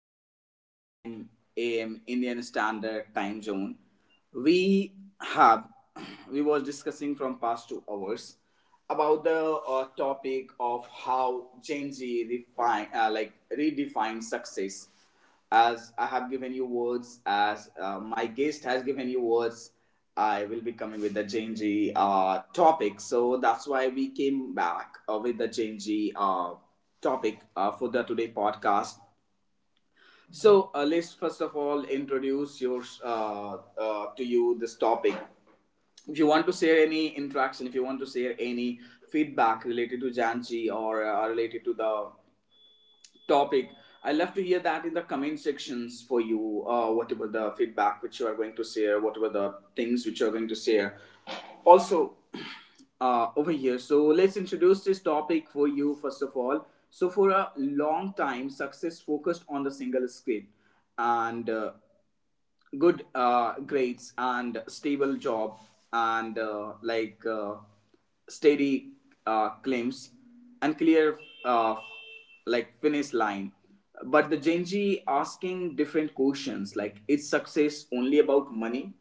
6:49 a.m. Indian Standard Time Zone. We have we was discussing from past 2 hours about the topic of how Gen Z refine, like redefine success, as I have given you words, as my guest has given you words. I will be coming with the Genji topic. So that's why we came back with the Genji topic for the today podcast. So let's first of all introduce yours to you this topic. If you want to share any interaction, if you want to share any feedback related to Janji or related to the topic. I love to hear that in the comment sections for you. Whatever the feedback which you are going to share, whatever the things which you are going to share. Also, over here. So let's introduce this topic for you first of all. So for a long time, success focused on the single script, and good grades and stable job and steady claims and clear uh, like finish line, but the Gen Z asking different questions like: is success only about money,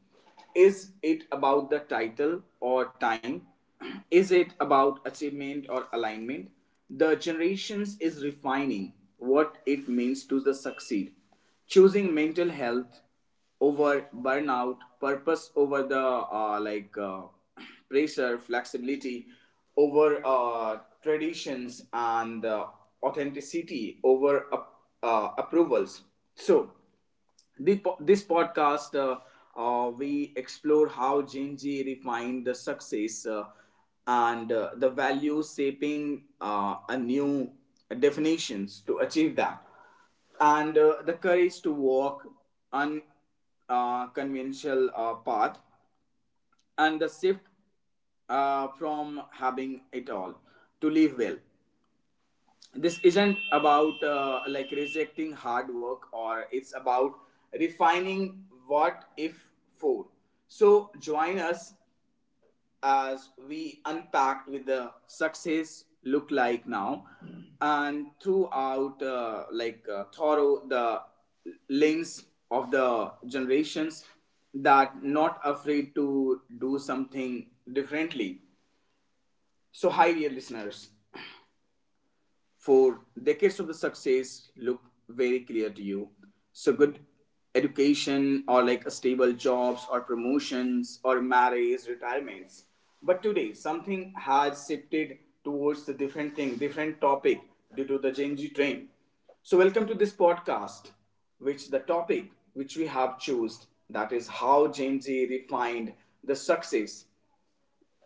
is it about the title or time, is it about achievement or alignment? The generations is refining what it means to the succeed, choosing mental health over burnout, purpose over the pressure, flexibility over traditions, and authenticity over approvals. So this podcast, we explore how Gen Z refined the success, and the values shaping a new definitions to achieve that, and the courage to walk unconventional conventional, path, and the shift from having it all to live well. This isn't about like rejecting hard work, or it's about refining what if for. So join us as we unpacked with the success look like now, and throughout thorough the lens of the generations that not afraid to do something differently. So hi dear listeners, for decades of the success look very clear to you. So good education, or like a stable jobs, or promotions or marriage, retirements. But today something has shifted towards the different thing, different topic due to the Gen Z trend. So welcome to this podcast, which the topic which we have chose, that is how Gen Z refined the success.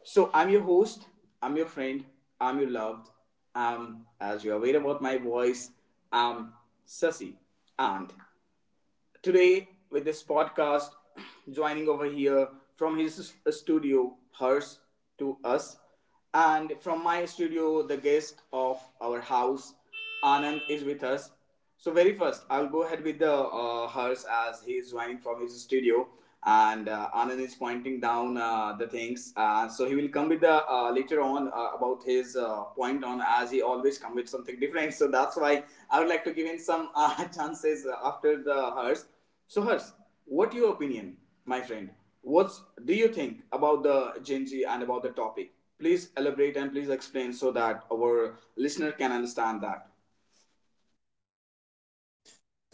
So I'm your host, I'm your friend, I'm your loved, as you are aware about my voice, I'm Sasi. And today with this podcast, joining over here from his studio, hers to us, and from my studio, the guest of our house, Anand is with us. So very first, I'll go ahead with the hers as he is joining from his studio, and Anand is pointing down the things. So he will come with the later on about his point on, as he always come with something different. So that's why I would like to give him some chances after the hers. So hers, what your opinion, my friend? What's do you think about the Gen Z and about the topic? Please elaborate and please explain so that our listener can understand that.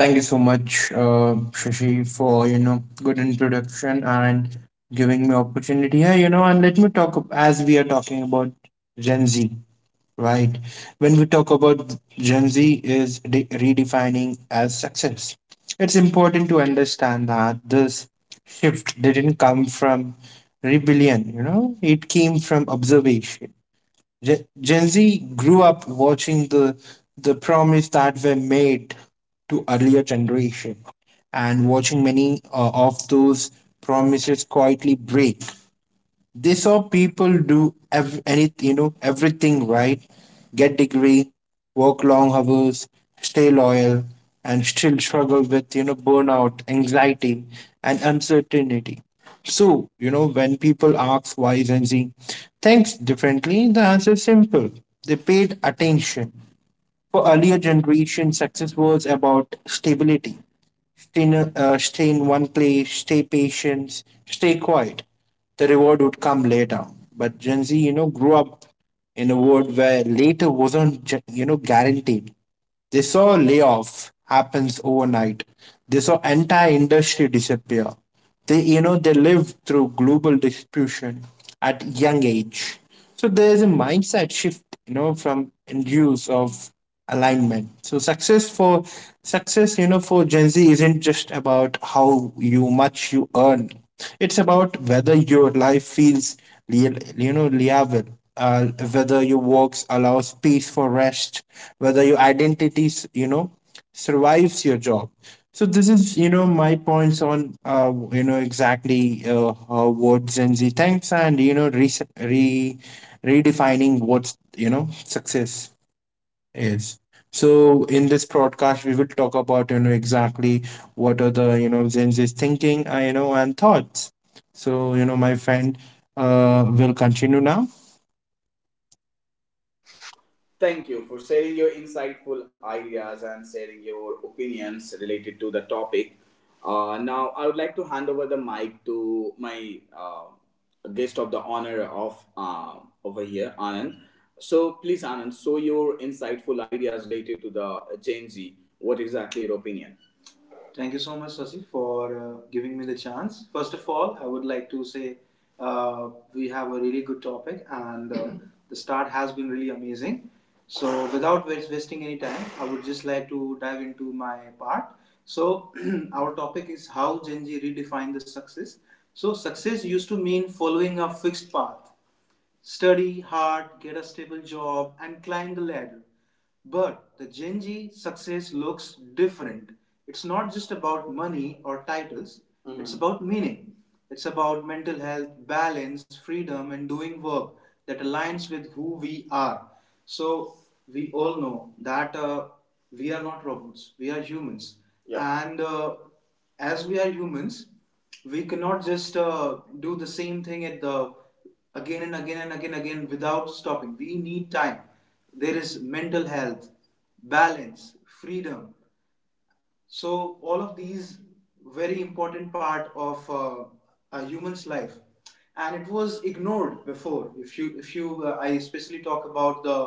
Thank you so much, Shashi, for good introduction and giving me opportunity here. And let me talk as we are talking about Gen Z, right? When we talk about Gen Z, is redefining as success. It's important to understand that this shift didn't come from rebellion. It came from observation. Gen Z grew up watching the promise that were made to earlier generation and watching many of those promises quietly break. They saw people do anything, everything right, get degree, work long hours, stay loyal, and still struggle with, burnout, anxiety, and uncertainty. So, when people ask why Gen Z thinks differently, the answer is simple. They paid attention. For earlier generation, success was about stability. Stay in one place, stay patient, stay quiet. The reward would come later. But Gen Z, grew up in a world where later wasn't, guaranteed. They saw layoff happens overnight. They saw entire industry disappear. They lived through global distribution at young age. So there is a mindset shift, from end of alignment. So success for Gen Z isn't just about how you much you earn. It's about whether your life feels Liavel. Uh, Whether your works allows space for rest, whether your identity, survives your job. So this is, my points on, exactly how what Gen Z thinks and, re- redefining what's, success. Yes. So in this broadcast, we will talk about exactly what are the Gen Z's thinking, and thoughts. So my friend, will continue now. Thank you for sharing your insightful ideas and sharing your opinions related to the topic. Now, I would like to hand over the mic to my guest of the honor of over here, Anand. So, please, Anand, show your insightful ideas related to the Gen Z. What exactly your opinion? Thank you so much, Sasi, for giving me the chance. First of all, I would like to say we have a really good topic, and the start has been really amazing. So, without wasting any time, I would just like to dive into my part. So, our topic is how Gen Z redefined the success. So, success used to mean following a fixed path: study hard, get a stable job, and climb the ladder. But the Gen Z success looks different. It's not just about money or titles, Mm-hmm, it's Mhm about meaning. It's about mental health, balance, freedom, and doing work that aligns with who we are. So, we all know that we are not robots, we are humans. Yeah. And as we are humans, we cannot just do the same thing at the again and again and again without stopping. We need time. There is mental health, balance, freedom. So all of these very important part of a human's life, and it was ignored before. If you I especially talk about the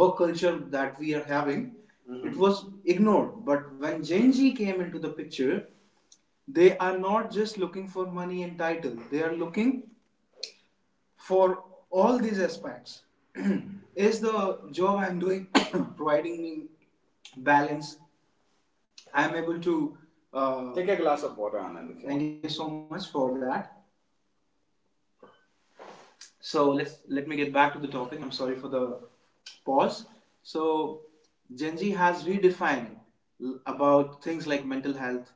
work culture that we are having, Mm-hmm, it Mhm was ignored. But when Gen Z came into the picture, they are not just looking for money and title, they are looking for all these aspects. Is the job I'm doing providing me balance, I'm able to Take a glass of water, Anand. Thank you so much for that. So let's let me get back to the topic. I'm sorry for the pause. So Gen Z has redefined about things like mental health.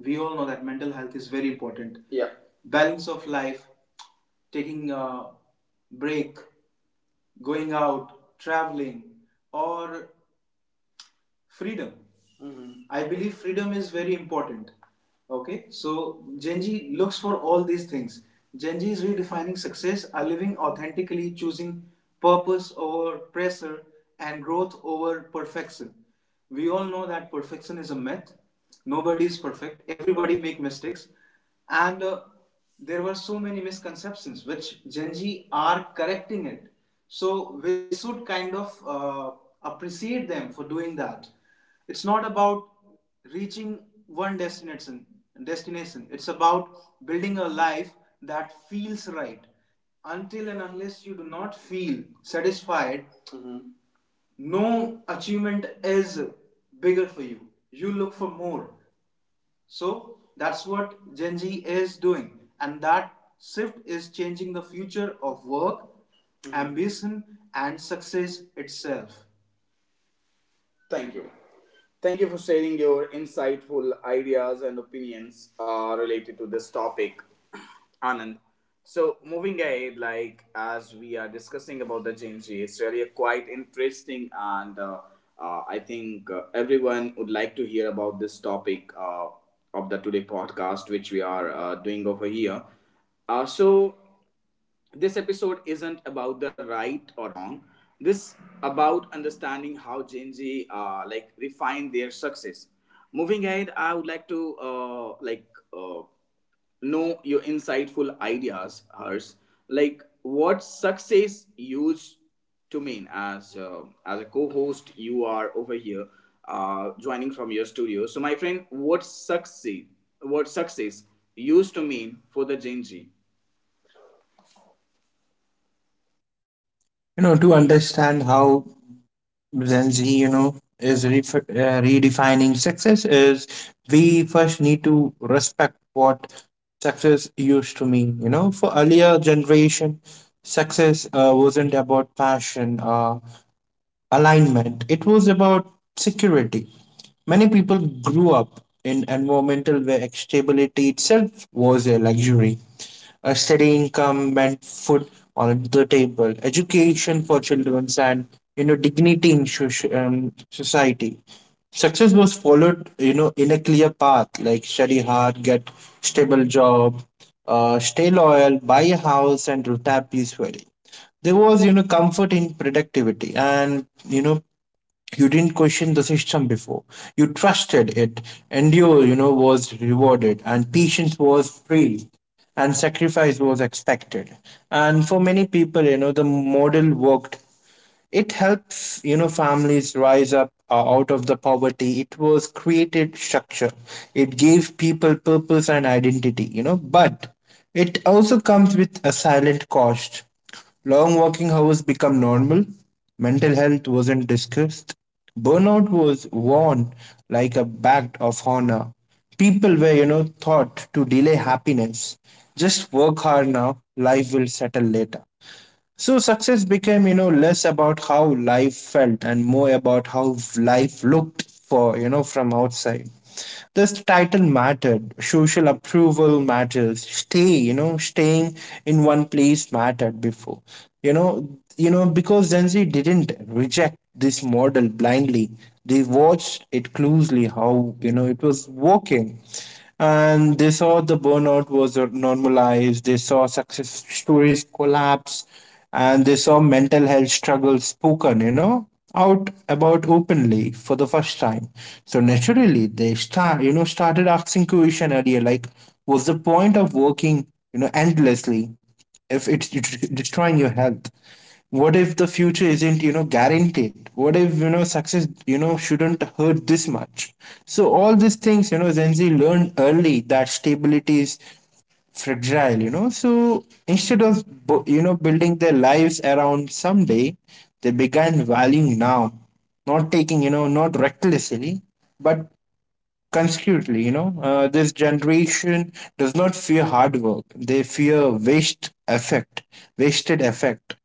We all know that mental health is very important. Yeah. Balance of life, taking a break, going out, traveling, or freedom. Mm-hmm. I believe freedom is very important. Okay, so Genji looks for all these things. Genji is redefining success, are living authentically, choosing purpose over pressure and growth over perfection. We all know that perfection is a myth. Nobody is perfect. Everybody make mistakes, and there were so many misconceptions which Genji are correcting it. So we should kind of appreciate them for doing that. It's not about reaching one destination. Destination. It's about building a life that feels right. Until and unless you do not feel satisfied, Mhm, no achievement is bigger for you. You look for more. So that's what Gen Z is doing. And that shift is changing the future of work, mm-hmm, ambition, and success itself. Thank you. Thank you for sharing your insightful ideas and opinions related to this topic, Anand. So, moving ahead, like as we are discussing about the Gen Z, it's really a quite interesting, and I think everyone would like to hear about this topic of the today podcast, which we are doing over here. So, this episode isn't about the right or wrong, this about understanding how Gen Z refine their success. Moving ahead, I would like to uh, know your insightful ideas, hers, like what success used to mean. As as a co-host you are over here, joining from your studio. So my friend, what success used to mean for the Gen Z? To understand how Gen Z, is ref redefining success is we first need to respect what success used to mean. For earlier generation, success wasn't about passion. Alignment, it was about security. Many people grew up in environmental where stability itself was a luxury, a steady income and food on the table, education for children, and dignity in society. Success was followed, in a clear path like study hard, get stable job, stay loyal, buy a house, and retire peacefully. There was comfort in productivity, and you didn't question the system before. You trusted it. Endure was rewarded, and patience was praised, and sacrifice was expected. And for many people, the model worked. It helps, families rise up out of the poverty. It was created structure. It gave people purpose and identity, but it also comes with a silent cost. Long working hours become normal. Mental health wasn't discussed. Burnout was worn like a badge of honor. People were, taught to delay happiness. Just work hard now, life will settle later. So success became, less about how life felt and more about how life looked for, from outside. This title mattered, social approval matters, staying in one place mattered before. You know, because Gen Z didn't reject this model blindly. They watched it closely how, it was working, and they saw the burnout was normalized. They saw success stories collapse, and they saw mental health struggles spoken, out about openly for the first time. So naturally, they started asking question earlier, like, what's the point of working, endlessly if it's destroying your health? What if the future isn't, guaranteed? What if, success, shouldn't hurt this much? So all these things, Gen Z learned early that stability is fragile. So instead of building their lives around someday, they began valuing now, not taking, not recklessly. But consequently, this generation does not fear hard work. They fear wasted effect.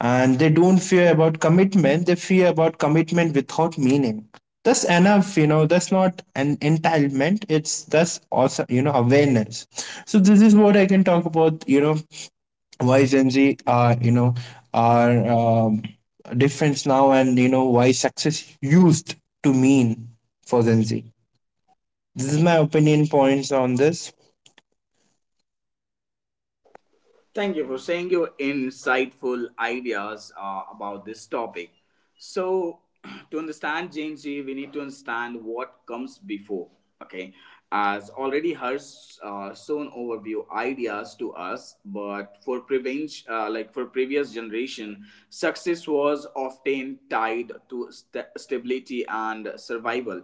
And they don't fear about commitment. They fear about commitment without meaning. That's enough, that's not an entitlement. It's that's also, awareness. So this is what I can talk about, why Gen Z are, are um, difference now and, why success used to mean for Gen Z. This is my opinion points on this. Thank you for sharing your insightful ideas about this topic. So, to understand Gen Z, we need to understand what comes before. Okay, as already has shown overview ideas to us, but for prevenge, for previous generation, success was often tied to stability and survival,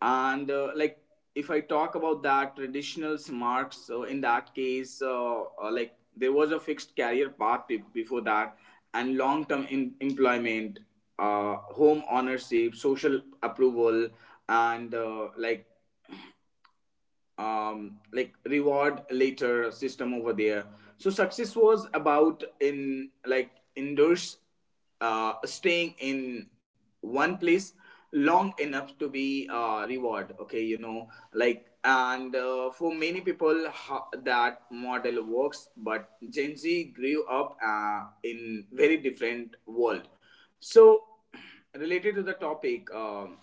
and if I talk about that traditional marks, so in that case there was a fixed career path before that, and long term employment, home ownership, social approval, and reward later system over there. So success was about in like indoors, staying in one place long enough to be reward. Okay, you know, like. And for many people that model works, but Gen Z grew up in very different world. So related to the topic,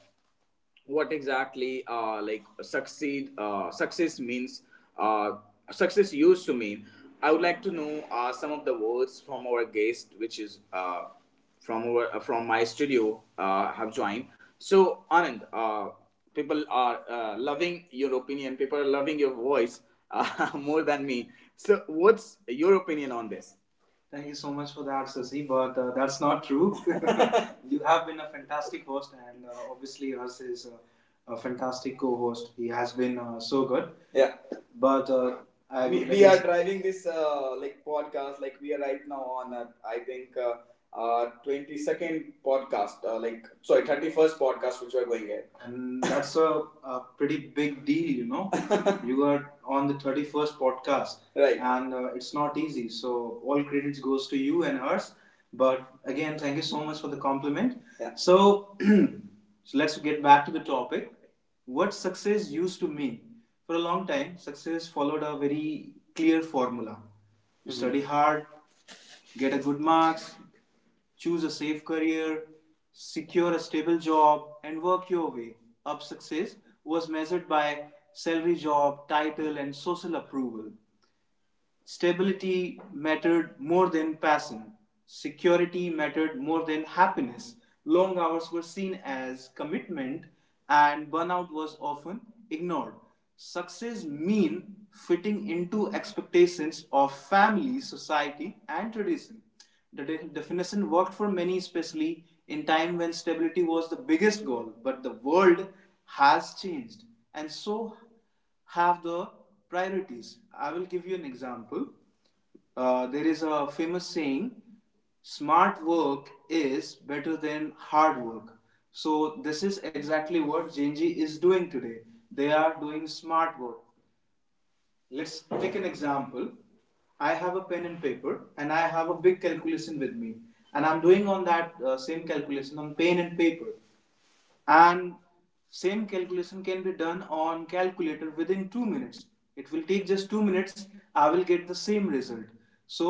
what exactly like succeed success means. Uh, success used to mean I would like to know some of the words from our guest which is from my studio have joined. So Anand, people are loving your opinion, people are loving your voice, more than me. So what's your opinion on this? Thank you so much for that, Sasi. But that's not true. You have been a fantastic host, and obviously, yours is a fantastic co-host. He has been so good. Yeah. But I we are like driving this podcast. Like we are right now on I think 22nd podcast, like sorry 31st podcast, which we are going here, and that's a pretty big deal, you know. You are on the 31st podcast, right? And it's not easy. So all credits goes to you and hers. But again, thank you so much for the compliment. Yeah. So let's get back to the topic what success used to mean. For a long time, success followed a very clear formula. You Mhm. study hard, get a good marks, choose a safe career, secure a stable job, and work your way up. Success was measured by salary, job, title, and social approval. Stability mattered more than passion. Security mattered more than happiness. Long hours were seen as commitment, and burnout was often ignored. Success mean fitting into expectations of family, society, and tradition. The definition worked for many, especially in time when stability was the biggest goal. But the world has changed, and so have the priorities. I will give you an example. There is a famous saying smart work is better than hard work. So, this is exactly what Genji is doing today. They are doing smart work. Let's take an example. I have a pen and paper, and I have a big calculation with me, and I'm doing on that same calculation on pen and paper and same calculation can be done on calculator within 2 minutes. It will take just 2 minutes. I will get the same result. So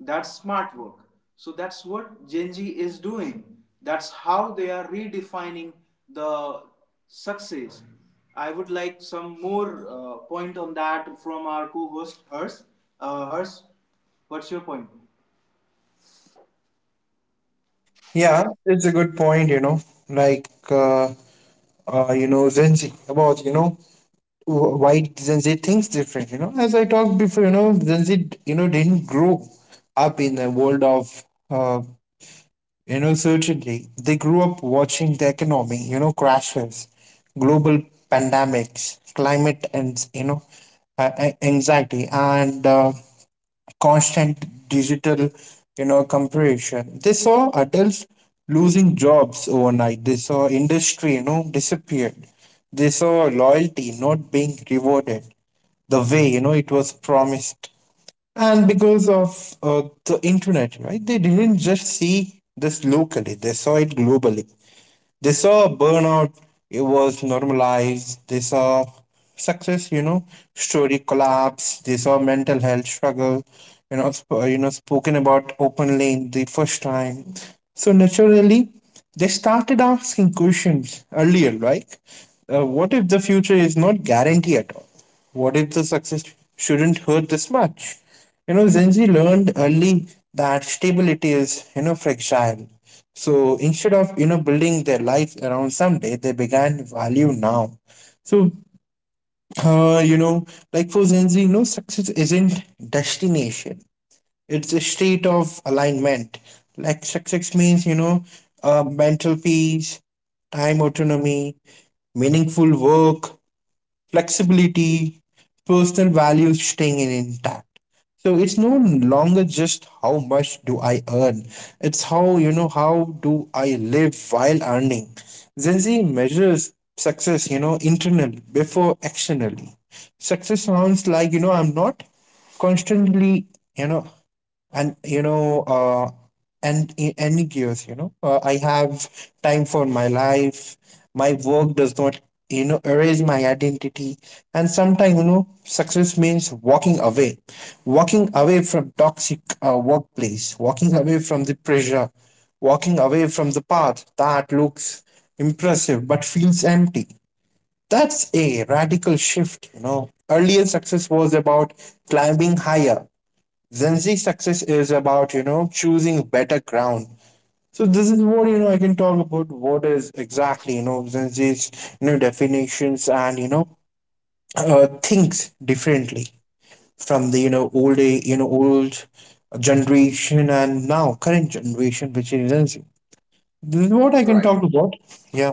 that's smart work. So that's what genji is doing. That's how they are redefining the success. I would like some more point on that from our co-host hers. Hers, what's your point? Yeah, it's a good point, like, Gen Z about, why Gen Z thinks different. As I talked before, Gen Z, didn't grow up in the world of, uh, certainty. They grew up watching the economy, crashes, global pandemics, climate and, anxiety and constant digital compression. They saw adults losing jobs overnight. They saw industry disappeared. They saw loyalty not being rewarded the way it was promised. And because of the internet, right, they didn't just see this locally, they saw it globally. They saw burnout, it was normalized. They saw success, story collapse. They saw mental health struggle, spoken about openly in the first time. So naturally, they started asking questions earlier, like, what if the future is not guaranteed at all? What if the success shouldn't hurt this much? Zenzi learned early that stability is, fragile. So instead of, building their life around someday, they began value now. So, uh, you know, like for Zenzi, no success isn't destination. It's a state of alignment. Like success means, mental peace, time autonomy, meaningful work, flexibility, personal values staying intact. So it's no longer just how much do I earn, it's how do I live while earning. Gen Z measures success, internally before externally. Success sounds like, I'm not constantly, you know, and you know uh and in any gears I have time for my life. My work does not erase my identity. And sometimes success means walking away, walking away from toxic workplace, walking away from the pressure, walking away from the path that looks impressive but feels empty. That's a radical shift. Earlier success was about climbing higher. Gen Z success is about, choosing better ground. So this is what, I can talk about what is exactly, Gen Z's, definitions and, thinks differently from the, old, old generation and now current generation, which is Gen Z. This is what I can talk Right. about. Yeah.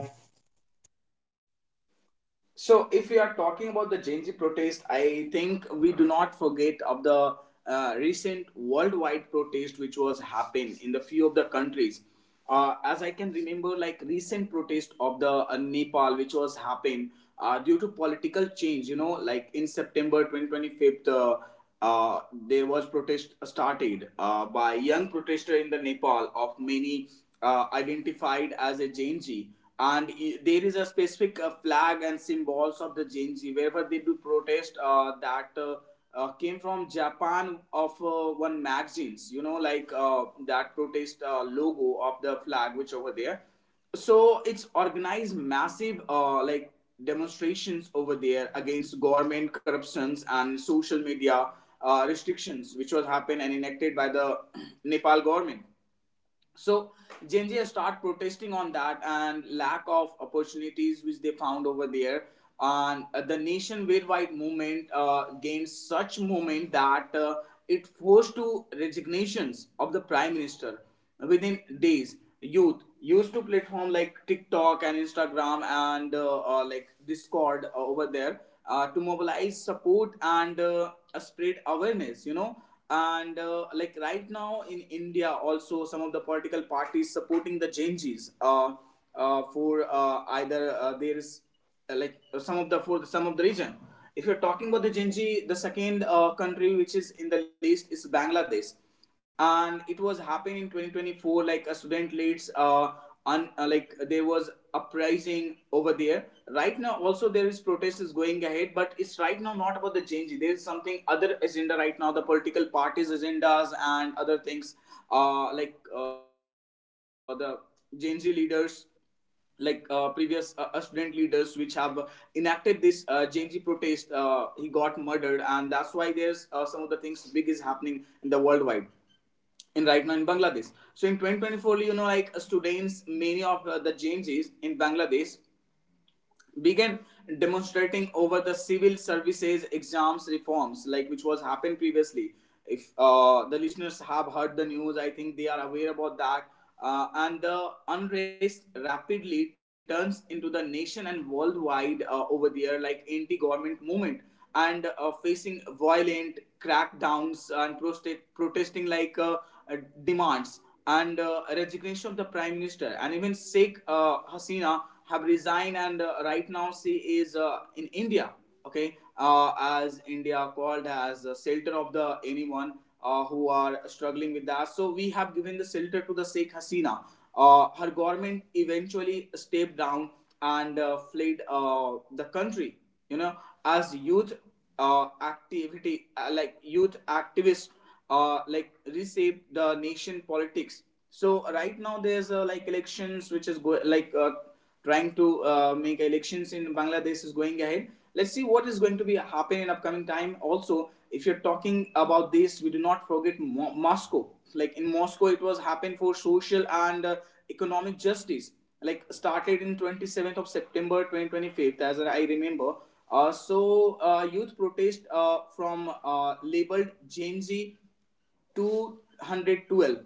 So, if we are talking about the Genji protest, I think we do not forget of the recent worldwide protest which was happened in the few of the countries. As I can remember, like recent protest of the Nepal which was happened due to political change. You know, like in September 2025. Uh, there was protest started by young protester in the Nepal of many identified as a Genji, and there is a specific flag and symbols of the Genji wherever they do protest, that came from Japan of one magazines, you know, like that protest logo of the flag which over there. So it's organized massive like demonstrations over there against government corruptions and social media restrictions which was happened and enacted by the Nepal government. So Gen Z has protesting on that and lack of opportunities which they found over there. And the nation wide movement gained such movement that it forced to resignations of the prime minister within days. Youth used to platform like TikTok and Instagram and like Discord over there to mobilize support and spread awareness. You know, and like right now in india also some of the political parties supporting the changes for either there is some of the for some of the region. If you're talking about the Genji, the second country which is in the list is bangladesh, and it was happening in 2024 like a student leads like there was uprising over there. Right now also there is protest is going ahead, but it's right now not about the change. There is something other agenda right now, the political parties agendas and other things. The gen z leaders, previous student leaders which have enacted this Genji protest, he got murdered, and that's why there's some of the things big is happening in the worldwide in right now in Bangladesh. So in 2024, you know, like students, many of the changes in Bangladesh began demonstrating over the civil services exams reforms like which was happened previously. If the listeners have heard the news, I think they are aware about that. And the unrest rapidly turns into the nation and worldwide over there like anti-government movement and facing violent crackdowns and protesting like uh, demands and resignation of the prime minister, and even Sheikh Hasina have resigned, and right now she is in India. Okay, as India called as a shelter of the anyone who are struggling with that, so we have given the shelter to the Sheikh Hasina. Her government eventually stepped down and fled the country, you know, as youth activity like youth activists like reshape the nation politics. So right now there's like elections which is trying to make elections in Bangladesh is going ahead. Let's see what is going to be happening in upcoming time. Also, if you're talking about this, we do not forget Moscow. Like in Moscow, it was happened for social and economic justice. Like started in 27th of September 2025, as I remember. Youth protest from labeled Gen Z 212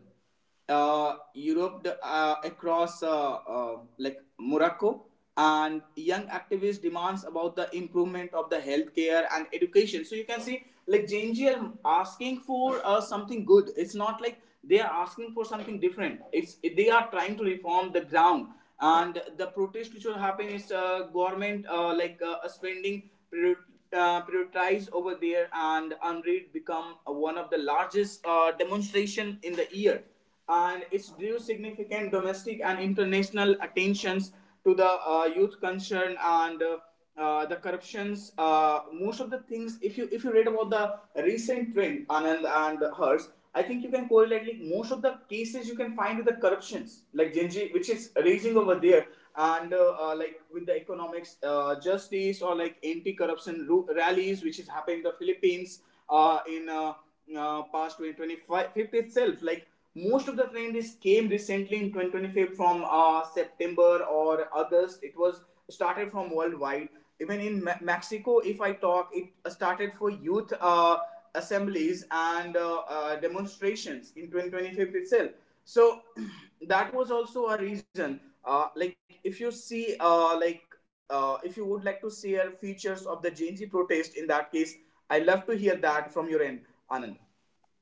Europe the, across like Morocco, and young activist demands about the improvement of the healthcare and education. So you can see like Genji are asking for something good. It's not like they are asking for something different. It's they are trying to reform the ground. And the protest which will happen is government spending prioritize over there, and unread become one of the largest demonstration in the year, and it's drew significant domestic and international attentions to the youth concern and the corruptions. Most of the things, if you read about the recent trend, anand and hers, I think you can correlate like most of the cases you can find with the corruptions, like Genji, which is raging over there, and like with the economics, justice, or like anti-corruption rallies, which is happening in the Philippines, in past 2025 itself. Like most of the trends came recently in 2025 from September or August. It was started from worldwide. Even in Mexico, if I talk, it started for youth assemblies and demonstrations in 2025 itself. So that was also a reason. Like if you see, if you would like to share features of the Gen Z protest, in that case, I love to hear that from your end, Anand.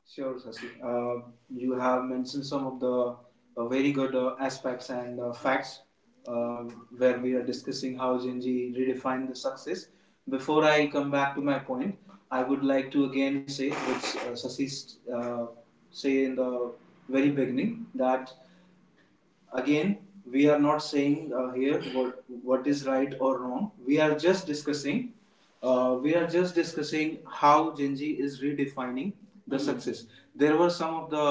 Sure, Sasi. You have mentioned some of the very good aspects and facts uh, where we are discussing how Gen Z redefine the success. Before I come back to my point, I would like to again say, which Sasi uh, say in the very beginning, that again, we are not saying here what is right or wrong. We are just discussing. We are just discussing how Genji is redefining the Mhm. success. There were some of the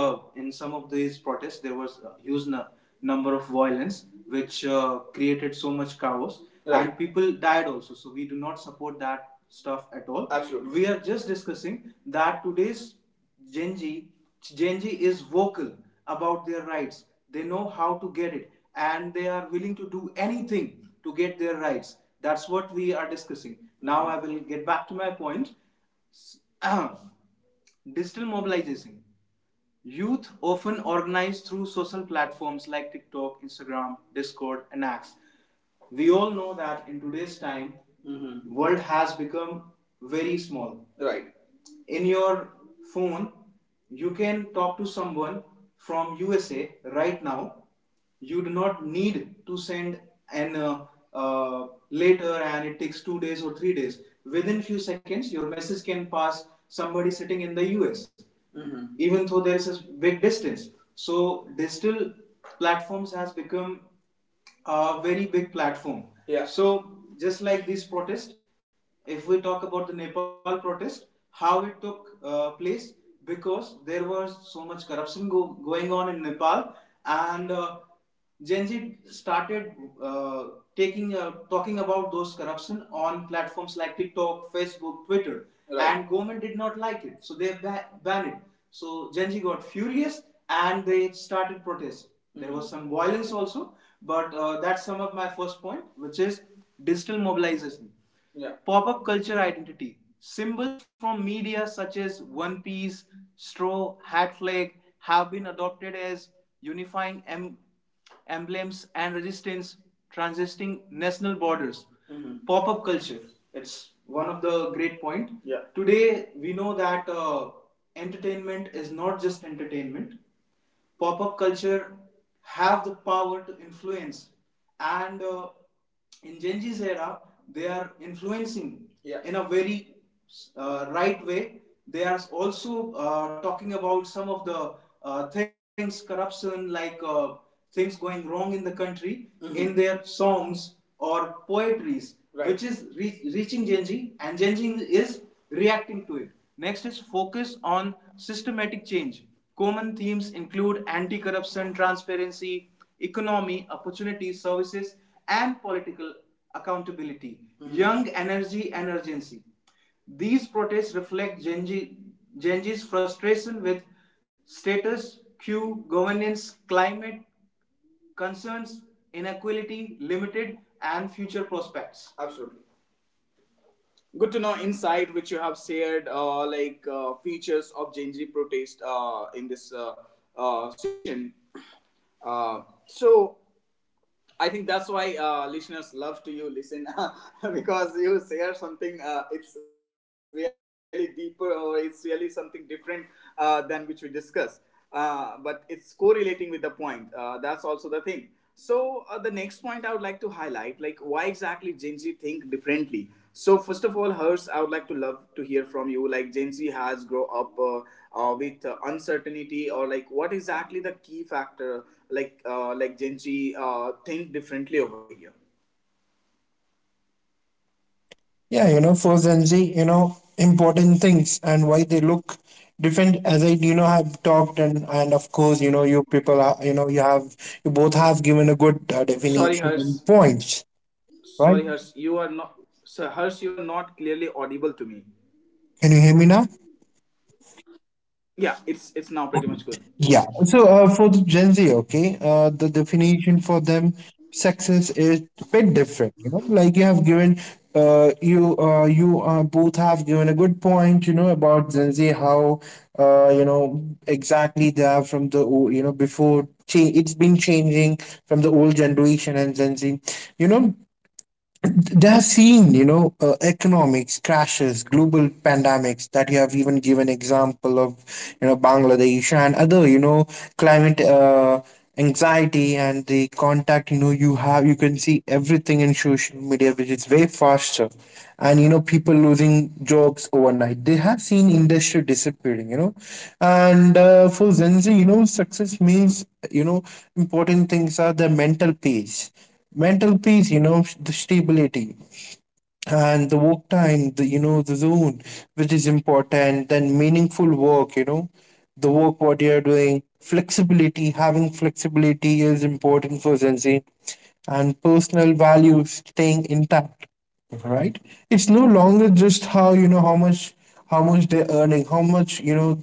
in some of these protests there was a huge number of violence which created so much chaos. Right. And people died also. So we do not support that stuff at all. Absolutely. We are just discussing that today's Genji, Genji is vocal about their rights. They know how to get it, and they are willing to do anything to get their rights. That's what we are discussing. Now I will get back to my point. Digital mobilization. Youth often organize through social platforms like TikTok, Instagram, Discord, and X. We all know that in today's time, Mhm. world has become very small. Right in your phone you can talk to someone from usa right now. You do not need to send an later, and it takes 2 days or 3 days. Within few seconds your message can pass somebody sitting in the us. Mhm. Even though there is a big distance, so digital platforms has become a very big platform. Yeah. So just like this protest, if we talk about the Nepal protest, how it took place because there was so much corruption going on in Nepal, and Gen Z started uh, taking talking about those corruption on platforms like TikTok, Facebook, Twitter, Right. and government did not like it, so they banned it. So Genji got furious and they started protest. There was some violence also, but that's some of my first point, which is digital mobilization. Yeah. Pop up culture identity. Symbols from media such as One Piece, Straw, Hat Flag have been adopted as unifying emblems and resistance, transisting national borders. Mhm. Pop up culture. It's one of the great point. Yeah. Today we know that entertainment is not just entertainment. Pop up culture have the power to influence, and in Gen Z's era they are influencing. Yeah. In a very right way, they are also talking about some of the things corruption, like things going wrong in the country. Mm-hmm. In their songs or poetries, right, which is reaching Gen Z, and Gen Z is reacting to it. Next is focus on systematic change. Common themes include anti corruption, transparency, economy, opportunities, services, and political accountability, mm-hmm, young energy, and urgency. These protests reflect Gen Z's frustration with status quo, governance, climate concerns, inequality, limited, and future prospects. Absolutely. Good to know insight which you have shared, like features of Gen Z protest in this session. Uh, so I think that's why listeners love to you listen because you share something. It's really deeper or it's really something different than which we discuss. But it's correlating with the point. That's also the thing. So the next point I would like to highlight, like why exactly Gen Z think differently. So first of all, Hers, I would like to love to hear from you. Like Gen Z has grow up with uncertainty, or like what exactly the key factor, like Gen Z think differently over here. Yeah, for Gen Z, important things and why they look different as I, have talked, and of course, you people are, you both have given a good Sorry, definition Hers. and points, Sorry, right? Hers. You are not. Sir, Hers, you are not clearly audible to me. Can you hear me now? Yeah, it's now pretty much good. Yeah. So for the Gen Z, okay, the definition for them success is a bit different. Like you have given, you you both have given a good point. You know about Gen Z, how exactly they are from the before. It's been changing from the old generation and Gen Z. You know, they have seen economics crashes, global pandemics that you have even given example of, bangladesh and other, climate anxiety, and the contact. You have you can see everything in social media, which is way faster, and you know people losing jobs overnight. They have seen industry disappearing, and for Gen Z, success means, important things are the mental peace, the stability, and the work time, the the zone, which is important, then meaningful work. The work what you are doing, flexibility, having flexibility is important for Gen Z, and personal values staying intact, right? It's no longer just how, how much, how much they're earning, how much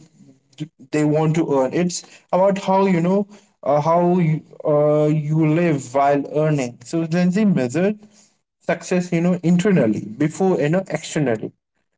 they want to earn. It's about how, how you, you live while earning. So then they measure success, internally before, externally.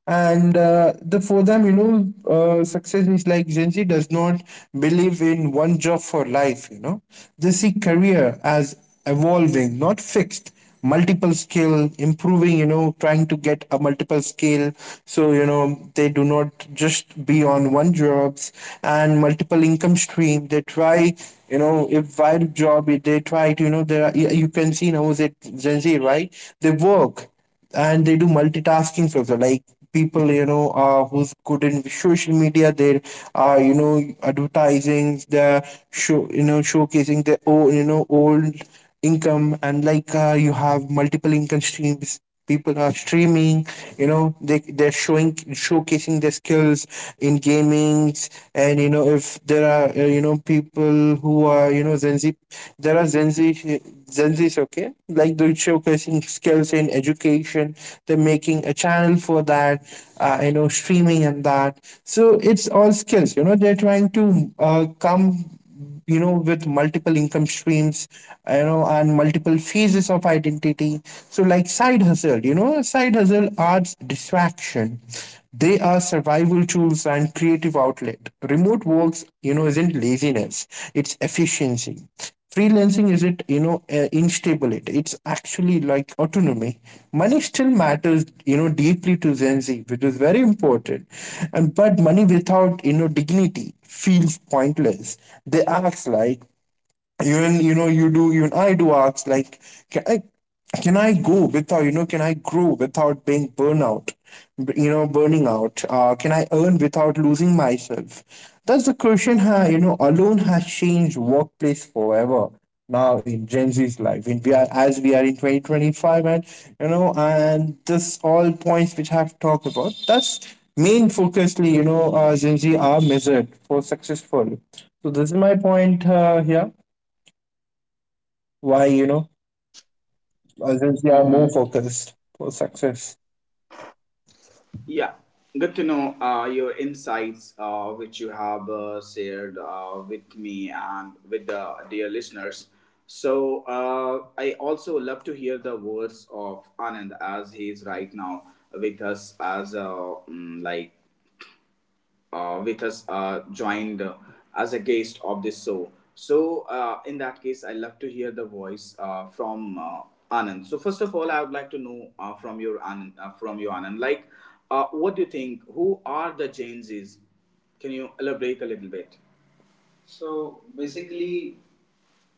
And the, for them, success is like Gen Z does not believe in one job for life. They see career as evolving, not fixed. Multiple skill improving, trying to get a multiple skill. So they do not just be on one jobs, and multiple income stream they try. If while job they try to, you know, there are, you can see now, is it Gen Z, right? They work, and they do multitasking also. Like, people, who's good in social media, they're advertising, they're show showcasing their own, old income, and like, you have multiple income streams. People are streaming, they, they're showing, showcasing their skills in gamings. And you know, if there are, people who are, Gen Z. There are Gen Z, Gen Zs, okay? Like, they're showcasing skills in education. They're making a channel for that, streaming and that. So it's all skills. You know, they're trying to come, with multiple income streams, and multiple phases of identity. So like, side hustle, side hustle are distraction, they are survival tools and creative outlet. Remote works, you know, isn't laziness, it's efficiency. Freelancing isn't, instability, it's actually like autonomy. Money still matters, you know, deeply to Gen Z, which is very important. And, but money without, dignity, feels pointless. They act like, even, you do, even I do ask, like, can i can I go without you know can I grow without being burnout, burning out. Can I earn without losing myself? That's the question. Ha, you know, alone has changed workplace forever. Now in Gen Z's life, in we are, as we are in 2025, and and this all points which I've talked about, that's main focusly, Gen Z are measured for successful. So this is my point, here why, others, they are Hmm. more focused for success. Yeah, good to know your insights, which you have shared with me and with the dear listeners. So I also love to hear the words of Anand as he is right now with us as a like with us joined as a guest of this show. So, in that case, I love to hear the voice from Anand. So, first of all, I would like to know from you Anand, like, what do you think? Who are the Gen Zs? Can you elaborate a little bit? So basically,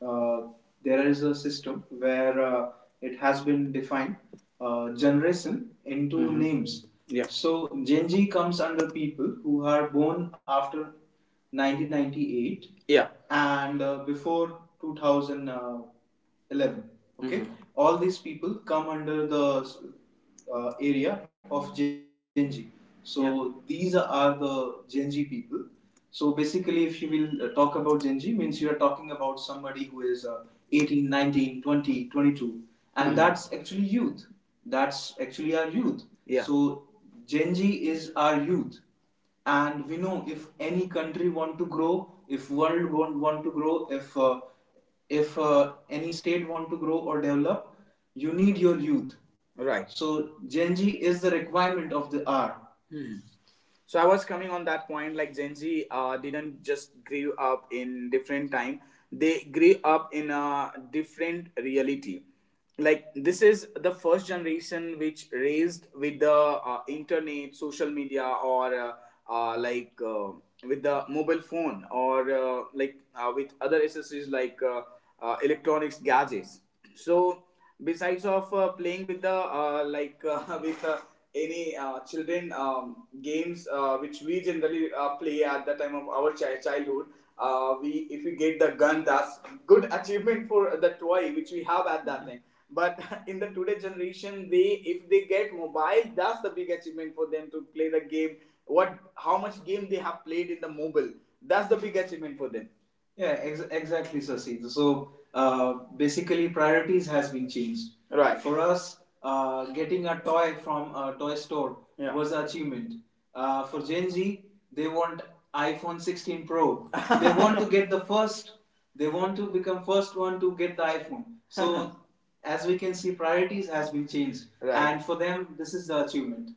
uh, there is a system where it has been defined generation into, mhm, names. Yeah. So Gen Z comes under people who are born after 1998, yeah, and before 2011. Okay, mhm, all these people come under the area of Genji. So yeah, these are the Genji people. So basically, if you will talk about Genji, means you are talking about somebody who is 18, 19, 20, 22. And mhm, that's actually youth. That's actually our youth. Yeah. So Genji is our youth, and we know if any country want to grow, if world want to grow, if any state want to grow or develop, you need your youth. Right. So Gen Z is the requirement of the hour. Hmm. So I was coming on that point. Like Gen Z didn't just grew up in different time; they grew up in a different reality. Like this is the first generation which raised with the internet, social media, or like with the mobile phone, or like with other accessories like electronics gadgets. So besides of playing with the like with any children games which we generally play at the time of our childhood, we, if we get the gun, that's good achievement for the toy which we have at that time. But in the today generation, they, if they get mobile, that's the big achievement for them to play the game. What, how much game they have played in the mobile, that's the big achievement for them. Yeah, exactly, Sasi. So basically, priorities has been changed. Right. For us, getting a toy from a toy store, yeah, was an achievement. For Gen Z, they want iPhone 16 Pro. They want to get the first. They want to become first one to get the iPhone. So as we can see, priorities has been changed, right, and for them, this is the achievement.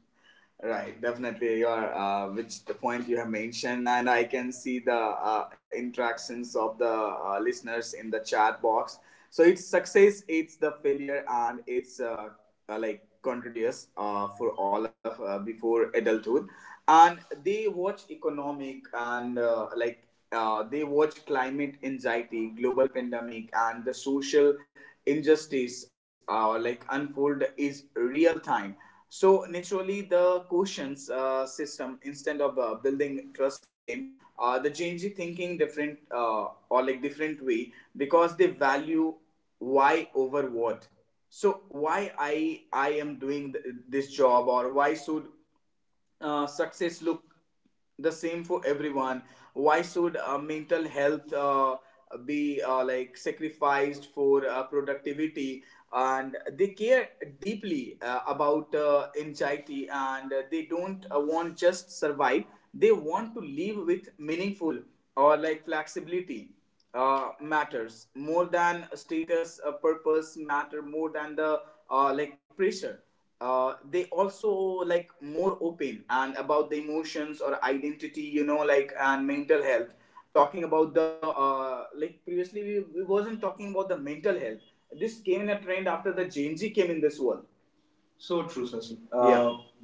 Right, definitely. Your which the point you have mentioned, and I can see the interactions of the listeners in the chat box. So it's success, it's the failure, and it's like continuous for all of before adulthood, and they watch economic and like they watch climate anxiety, global pandemic, and the social injustice like unfold is real time. So naturally, the quotients system instead of building trusting them, the Gen Z thinking different or like different way, because they value why over what. So why I am doing this job, or why should success look the same for everyone, why should mental health be like sacrificed for productivity. And they care deeply about anxiety, and they don't want just survive, they want to live with meaningful or like flexibility. Matters more than status, purpose matter more than the like pressure. They also like more open and about the emotions or identity, you know, like, and mental health talking about the like previously we wasn't talking about the mental health. This came in a trend after the Gen Z came in this world. So true, Sasi. Yeah,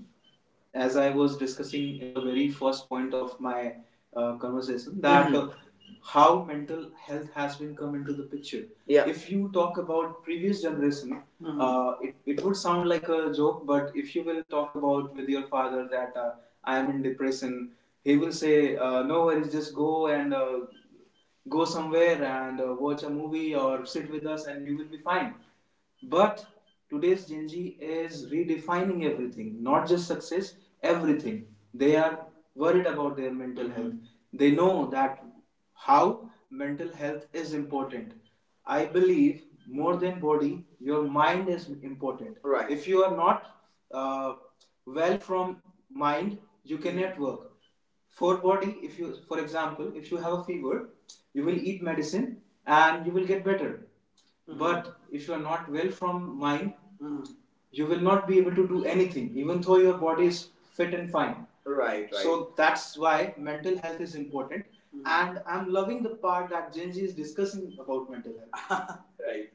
as I was discussing in the very first point of my conversation, that, mm-hmm, how mental health has been come into the picture. Yeah. If you talk about previous generation, mhm, it would sound like a joke, but if you will talk about with your father that I am in depression, he will say, no worries, just go and go somewhere and watch a movie or sit with us and you will be fine. But today's Gen Z is redefining everything, not just success, everything. They are worried about their mental, mm-hmm, health. They know that how mental health is important. I believe more than body, your mind is important. Right. If you are not uh, well from mind, you cannot work. For body, if you, for example, if you have a fever, you will eat medicine and you will get better. Mhm. But if you are not well from mind, mhm, you will not be able to do anything, even though your body is fit and fine. Right, right. So that's why mental health is important. Mhm. And I'm loving the part that Genji is discussing about mental health. Right.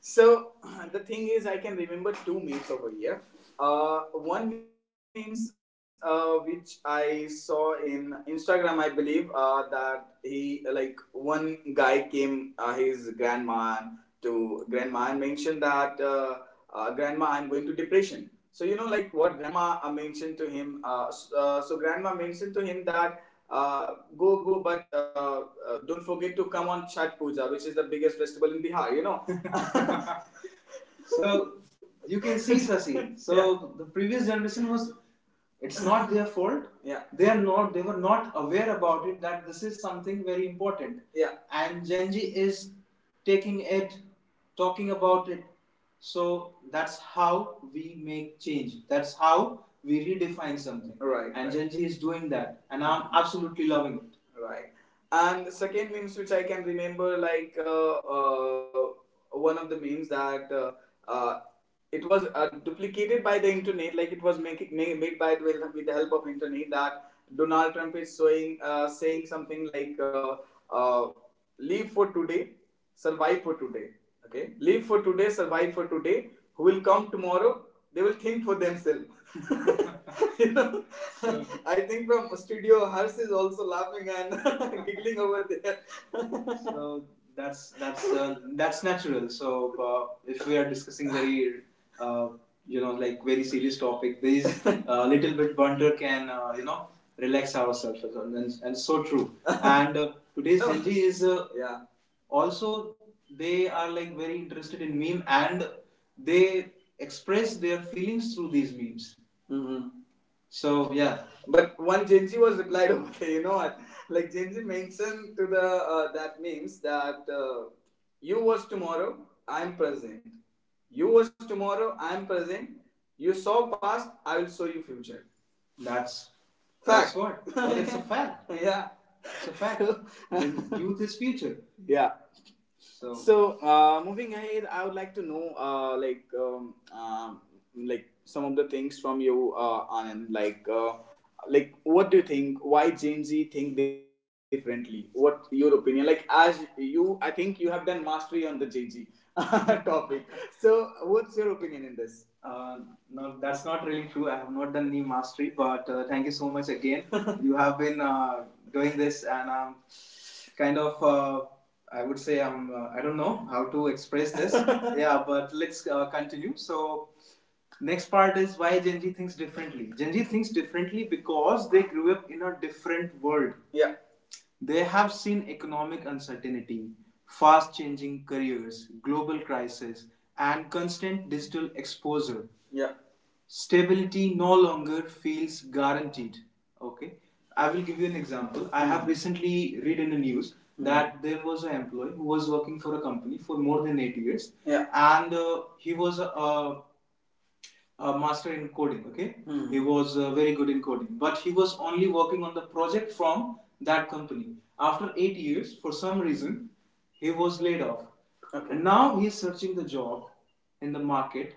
So the thing is, I can remember two memes over here. One memes which I saw in Instagram, I believe, that he, like, one guy came his grandma to grandma and mentioned that grandma, I'm going to depression. So you know, like what grandma mentioned to him. So grandma mentioned to him that uh, go, but don't forget to come on Chhat Puja, which is the biggest festival in Bihar. You know, so you can see, Sasi. So yeah, the previous generation was, it's not their fault. Yeah. They are not, they were not aware about it that this is something very important. Yeah. And Gen Z is taking it, talking about it. So that's how we make change. That's how we redefine something. Right. And right, Gen Z is doing that. And I'm absolutely loving it. Right. And the second memes which I can remember, like uh, one of the memes that uh, it was duplicated by the internet, like it was making made by with the help of internet, that Donald Trump is showing, saying something like uh, live for today, survive for today. Okay, live for today, survive for today. Who will come tomorrow, they will think for themselves. You know. Yeah. I think from studio Harsh is also laughing and giggling over there. So that's natural. So uh, if we are discussing very uh, you know, like very serious topic, these little bit banter can, you know, relax ourselves well. And so true. And today's Gen Z is, yeah, also they are like very interested in meme, and they express their feelings through these memes. Mm-hmm. So yeah. But one Gen Z was replied over there, you know what? Like Gen Z mentioned to the that means that you was tomorrow, I'm present. You was tomorrow, I'm present. You saw past, I will show you future. That's fact. That's what. It's a fact. Yeah. It's a fact. The youth is future. Yeah. So, so, moving ahead, I would like to know, like some of the things from you, Anand. Like, what do you think? Why Gen Z think differently? What your opinion? Like, as you, I think you have done mastery on the Gen Z topic. So, what's your opinion in this? No, that's not really true. I have not done any mastery, but thank you so much again. You have been doing this, and I'm kind of I would say I don't know how to express this. Yeah, but let's continue. So next part is why Gen Z thinks differently. Gen Z thinks differently because they grew up in a different world. Yeah. They have seen economic uncertainty, fast changing careers, global crisis, and constant digital exposure. Yeah. Stability no longer feels guaranteed. Okay, I will give you an example. I have recently read in the news that there was an employee who was working for a company for more than 8 years, yeah, and he was a a master in coding. Okay. Hmm. He was very good in coding, but he was only working on the project from that company. After 8 years, for some reason, he was laid off. Okay. And now he is searching the job in the market.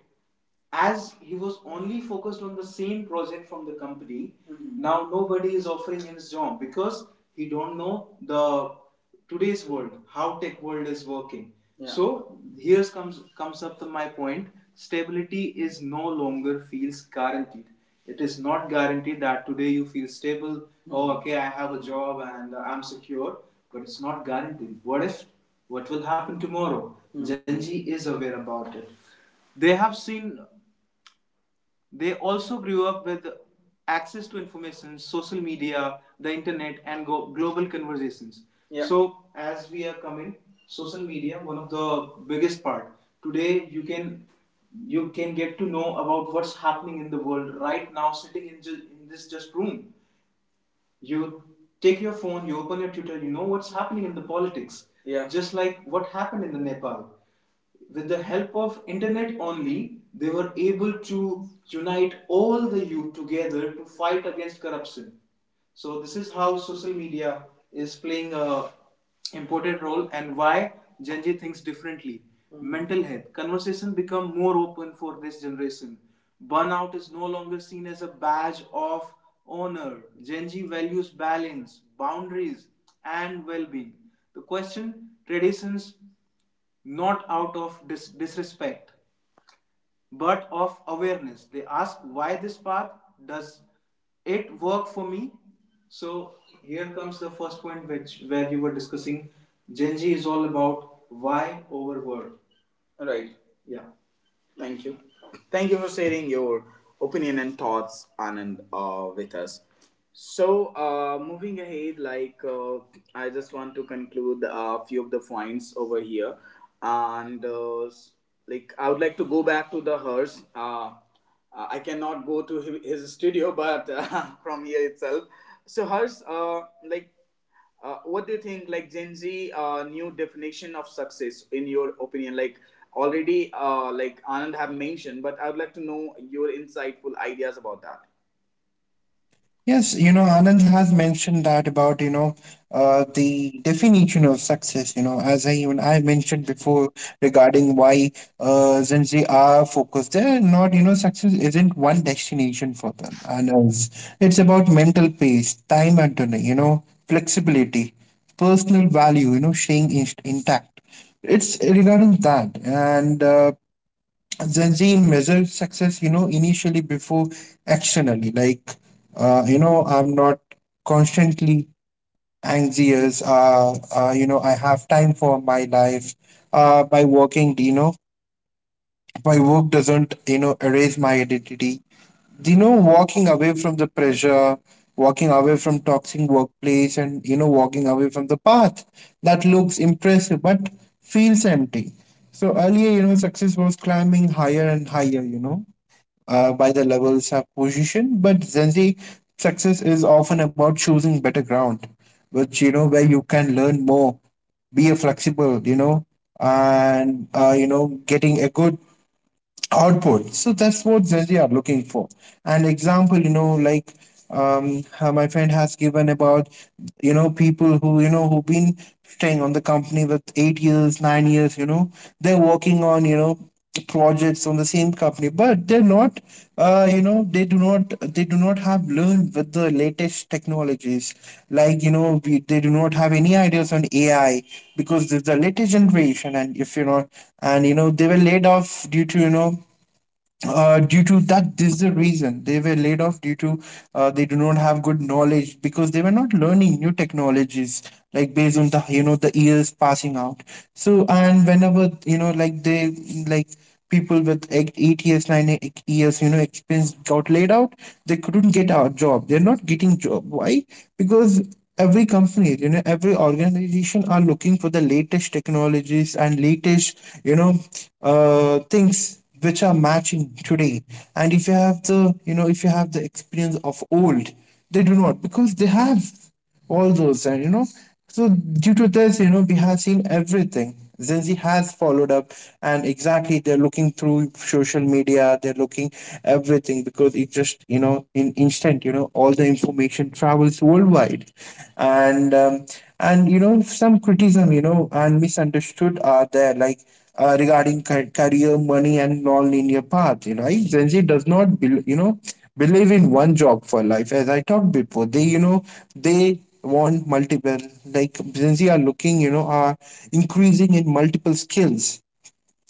As he was only focused on the same project from the company, mhm, now nobody is offering him his job because he don't know the today's world, how tech world is working. Yeah. So here comes up to my point. Stability is no longer feels guaranteed. It is not guaranteed that today you feel stable. Mm-hmm. Oh, okay, I have a job and I'm secure, but it's not guaranteed. What if? What will happen tomorrow? Genji is aware about it. They have seen they also grew up with access to information, social media, the internet, and global conversations. Yeah. So, as we are coming, social media one of the biggest part. Today, you can get to know about what's happening in the world right now, sitting in, in this just room. You take your phone, you open your Twitter, you know what's happening in the politics. Yeah. Just like what happened in the Nepal. With the help of internet only, they were able to unite all the youth together to fight against corruption. So this is how social media is playing a important role and why Gen Z thinks differently. Mm. Mental health conversation become more open for this generation. Burnout is no longer seen as a badge of honor. Gen Z values balance, boundaries, and well-being. The question traditions not out of disrespect but of awareness. They ask why this path does it work for me? So here comes the first point which where you were discussing Genji is all about why over word. Right. Yeah. Thank you. Thank you for sharing your opinion and thoughts, Anand, with us. So, moving ahead, like I just want to conclude a few of the points over here, and like I would like to go back to the hers. I cannot go to his studio, but from here itself. So hers, like what do you think, like Gen Z, new definition of success, in your opinion? Like already, like Anand have mentioned, but I would like to know your insightful ideas about that. Yes, you know, Anand has mentioned that about, you know, the definition of success. You know, as I, even I mentioned before, regarding why, Gen Z are focused. They're not, you know, success isn't one destination for them. It's about mental pace, time and money, you know, flexibility, personal value, you know, staying in, intact. It's regarding that. And Gen Z measures success, you know, initially before externally. Like, you know, I'm not constantly anxious. You know, I have time for my life. By working, you know, my work doesn't, you know, erase my identity. You know, walking away from the pressure, walking away from toxic workplace, and you know, walking away from the path that looks impressive but feels empty. So earlier, you know, success was climbing higher and higher. By the levels of position. But generally, success is often about choosing better ground, which, you know, where you can learn more, be a flexible, you know, and you know, getting a good output. So that's what generally are looking for. An example, you know, like, my friend has given about, you know, people who, who've been staying on the company with 8 years, 9 years, you know, they're working on, projects on the, from the same company, but they're not. You know, They do not have learned with the latest technologies. Like, you know, they do not have any ideas on AI because it's the latest generation. And if you know, and you know, they were laid off due to, due to that, this is the reason they were laid off, due to they do not have good knowledge because they were not learning new technologies, like based on the, you know, the years passing out. So, and whenever, you know, like people with eight years, nine years, you know, experience, got laid out, they couldn't get a job, they're not getting job. Why? Because every company, you know, every organization are looking for the latest technologies and latest, you know things which are matching today. And if you have the, you know, if you have the experience of old, they do not, because they have all those, and you know. So, due to this, you know, we have seen everything. Gen Z has followed up, and exactly they're looking through social media, they're looking everything, because it just, you know, in instant, you know, all the information travels worldwide. And, um, and you know, some criticism, you know, and misunderstood are there, like, regarding career, money, and non-linear path. You know, right? Gen Z does not, bel you know, believe in one job for life. As I talked before, they, you know, they want multiple, like, Gen Z are looking, you know, are increasing in multiple skills,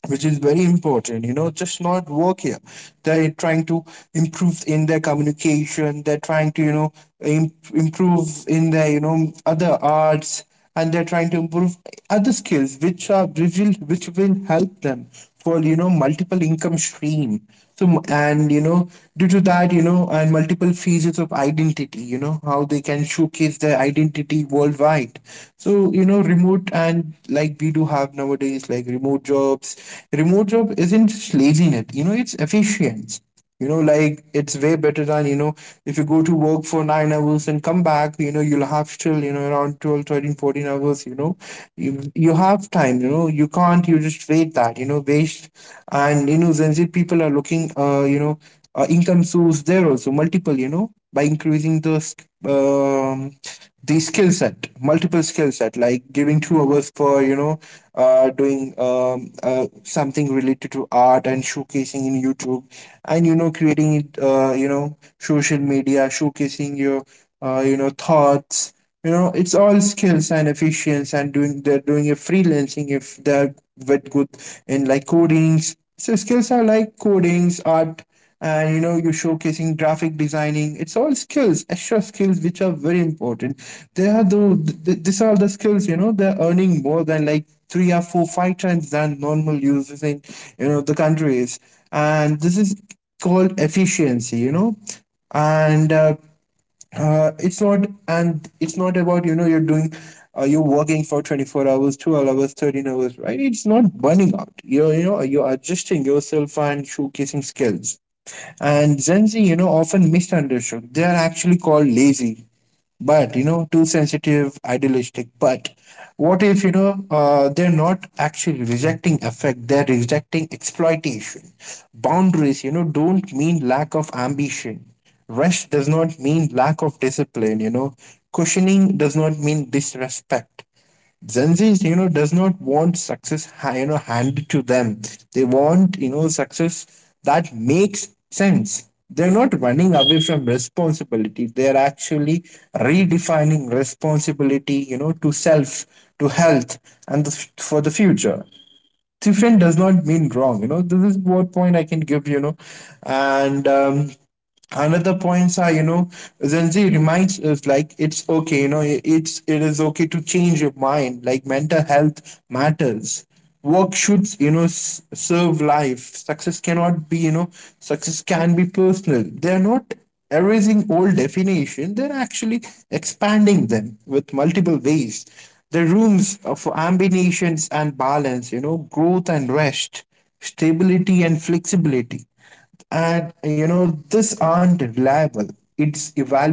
which is very important, you know, just not work here. They're trying to improve in their communication, they're trying to, you know, improve in their, you know, other arts, and they're trying to improve other skills which are which will help them for, you know, multiple income stream. So and you know due to that, you know, and multiple phases of identity, you know, how they can showcase their identity worldwide. So, you know, remote, and like, we do have nowadays like remote jobs. Remote job isn't just laziness, you know, it's efficient. You know, like it's way better than, you know, if you go to work for 9 hours and come back, you know, you'll have still, you know, around 12, 13, 14 hours, you know. You have time, you know, you can't, you just wait that, you know, waste. And, you know, Gen Z people are looking, income source there also multiple, you know, by increasing the the skill set, multiple skill set, like giving 2 hours for, doing, something related to art and showcasing in YouTube, and you know, creating it, social media showcasing your, thoughts. You know, it's all skills and efficiency. And doing they're doing a freelancing if they're with good in like codings. So skills are like codings, art, and you know, you're showcasing graphic designing. It's all skills, extra skills, which are very important. They are the th- These are the skills, you know. They're earning more than like 3 or 4 5 times than normal users in, you know, the countries. And this is called efficiency, you know. And It's not, and it's not about, you know, you're doing, you're working for 24 hours, 12 hours, 13 hours. Right? It's not burning out. You are, you know, you're adjusting yourself and showcasing skills. And Gen Z, you know, often misunderstood. They are actually called lazy, but you know, too sensitive, idealistic. But what if, they're not actually rejecting effect? They're rejecting exploitation. Boundaries, you know, don't mean lack of ambition. Rest does not mean lack of discipline. You know, cushioning does not mean disrespect. Gen Z, you know, does not want success, you know, handed to them. They want, you know, success that makes sense. They're not running away from responsibility. They're actually redefining responsibility, you know, to self, to health, and for the future. Different does not mean wrong, you know. This is what point I can give, you know. And another points are, you know, Gen Z reminds us like, it's okay, you know, it's, it is okay to change your mind, like mental health matters, work should, you know, serve life, success cannot be, you know, success can be personal. They are not erasing old definition, they're actually expanding them with multiple ways. The rooms of ambitions and balance, you know, growth and rest, stability and flexibility. And you know, this aren't reliable. It's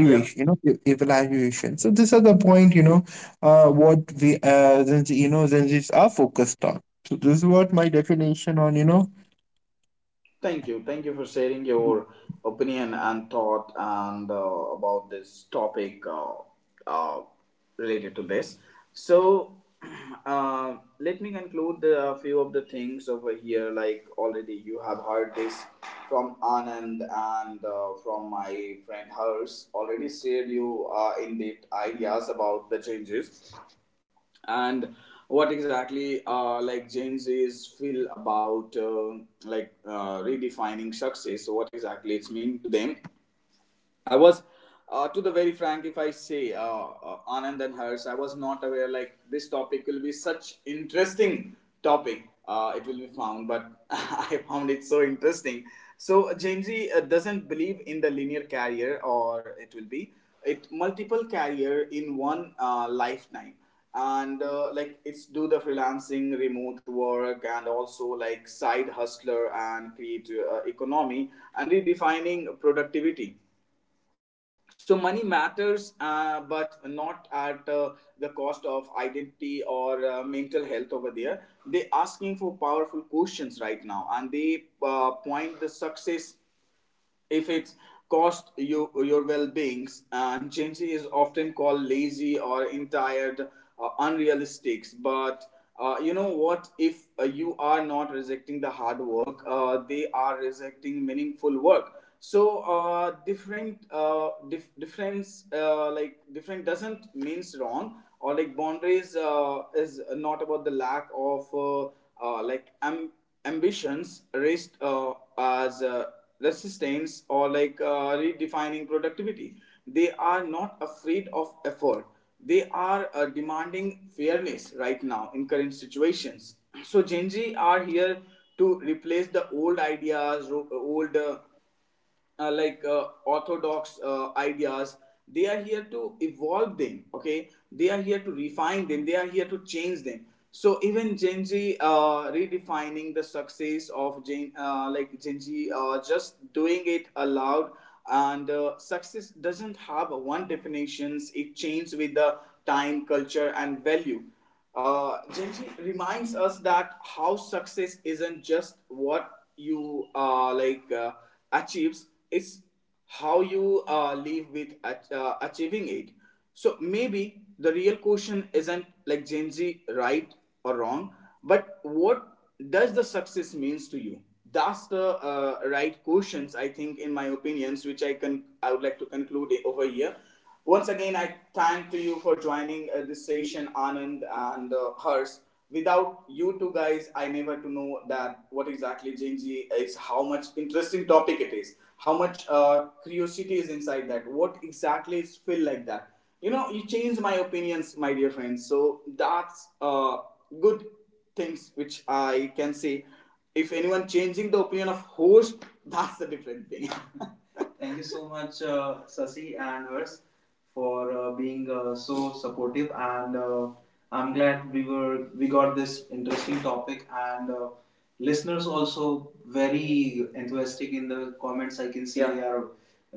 Yeah. you know, evaluation. So these are the point, you know, what we, then, you know, then are focused on. So this is what my definition on, you know. Thank you. Thank you for sharing your opinion and thought and about this topic uh, related to this. So, let me conclude the, a few of the things over here. Like already, you have heard this from Anand and from my friend Hers. Already shared you in depth ideas about the changes and what exactly like Gen Z's feel about like redefining success. So what exactly it's mean to them, I was, to the very frank, if I say Anand and Hers, I was not aware like this topic will be such interesting topic. It will be found, but I found it so interesting. So Genji doesn't believe in the linear career, or it will be it multiple career in one lifetime and like it's do the freelancing remote work and also like side hustler and create economy and redefining productivity. So money matters but not at the cost of identity or mental health. Over there they asking for powerful questions right now, and they point the success if it's cost you your well-beings. And Gen Z is often called lazy or entitled, unrealistic, but you know what if you are not rejecting the hard work, they are rejecting meaningful work. So different dif- difference like different doesn't means wrong, or like boundaries is not about the lack of uh, like am- ambitions raised as resistance or like redefining productivity. They are not afraid of effort. They are demanding fairness right now in current situations. So Gen Z are here to replace the old ideas old orthodox ideas. They are here to evolve them. Okay, they are here to refine them, they are here to change them. So even Gen Z redefining the success of gen like Gen Z just doing it aloud. And success doesn't have one definitions. It changes with the time, culture and value. Genji reminds us that how success isn't just what you achieves; it's how you live with achieving it. So maybe the real question isn't like Genji right or wrong, but what does the success means to you? That's the right questions I think, in my opinions, which I would like to conclude over here. Once again, I thank to you for joining this session, Anand and Hers. Without you two guys, I never to know that what exactly Genji is, how much interesting topic it is, how much curiosity is inside that, what exactly is feel like that. You know, you changed my opinions, my dear friends. So that's good things which I can say. If anyone changing the opinion of host, that's a different thing. Thank you so much, Sasi and Hers, for being so supportive. And I'm glad we got this interesting topic. And listeners also very enthusiastic in the comments. I can see. Yeah, they are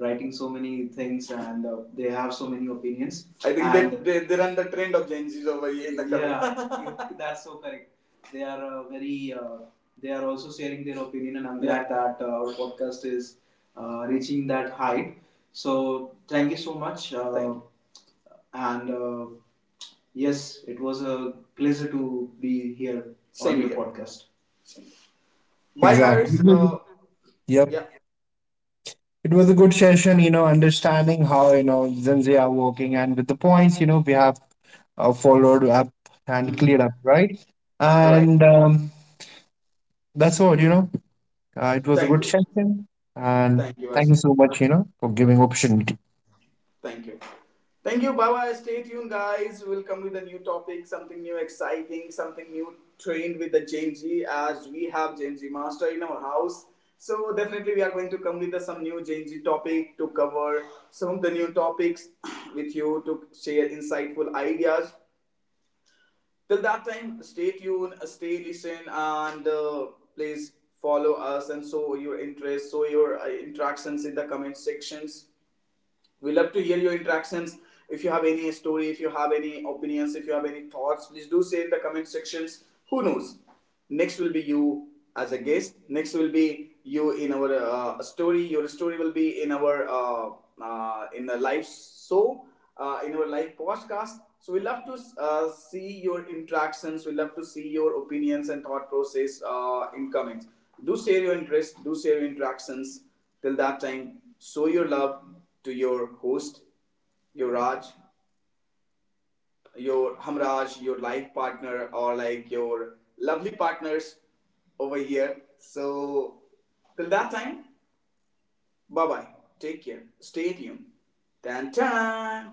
writing so many things and they have so many opinions. I think and that they run the trend of Gen Zs over here in the yeah, that's so correct. They are very. They are also sharing their opinion, and I'm yeah, glad yeah, that our podcast is reaching that height. So thank you so much. Thank you. And yes, it was a pleasure to be here. Same on your here podcast. Bye, Exactly. Harsh. Yeah. Yep. It was a good session, you know, understanding how, you know, Zenzi are working, and with the points, you know, we have followed up and cleared Mhm. up, right? Right. And that's all, you know, it was a Thank good you. session. And Thank you, thank Harsh. you so much, you know, for giving opportunity. Thank you. Thank you. Bye bye. Stay tuned, guys. We'll come with a new topic, something new, exciting, something new, trained with the Gen Z, as we have Gen Z Master in our house. So, definitely, we are going to come with the some new Gen Z topic to cover some of the new topics with you to share insightful ideas. Till that time, stay tuned, stay listen, and please follow us and show your interest, show your interactions in the comment sections. We love to hear your interactions. If you have any story, if you have any opinions, if you have any thoughts, please do say in the comment sections. Who knows, next will be you as a guest. Next will be you in our story. Your story will be in our in the live show, in our live podcast. So we love to see your interactions, we love to see your opinions and thought process in comments. Do share your interest, do share your interactions. Till that time, show your love to your host, your Raj, your Hamraj, your life partner, or like your lovely partners over here. So, till that time, bye bye. Take care. Stay tuned. Tan tan.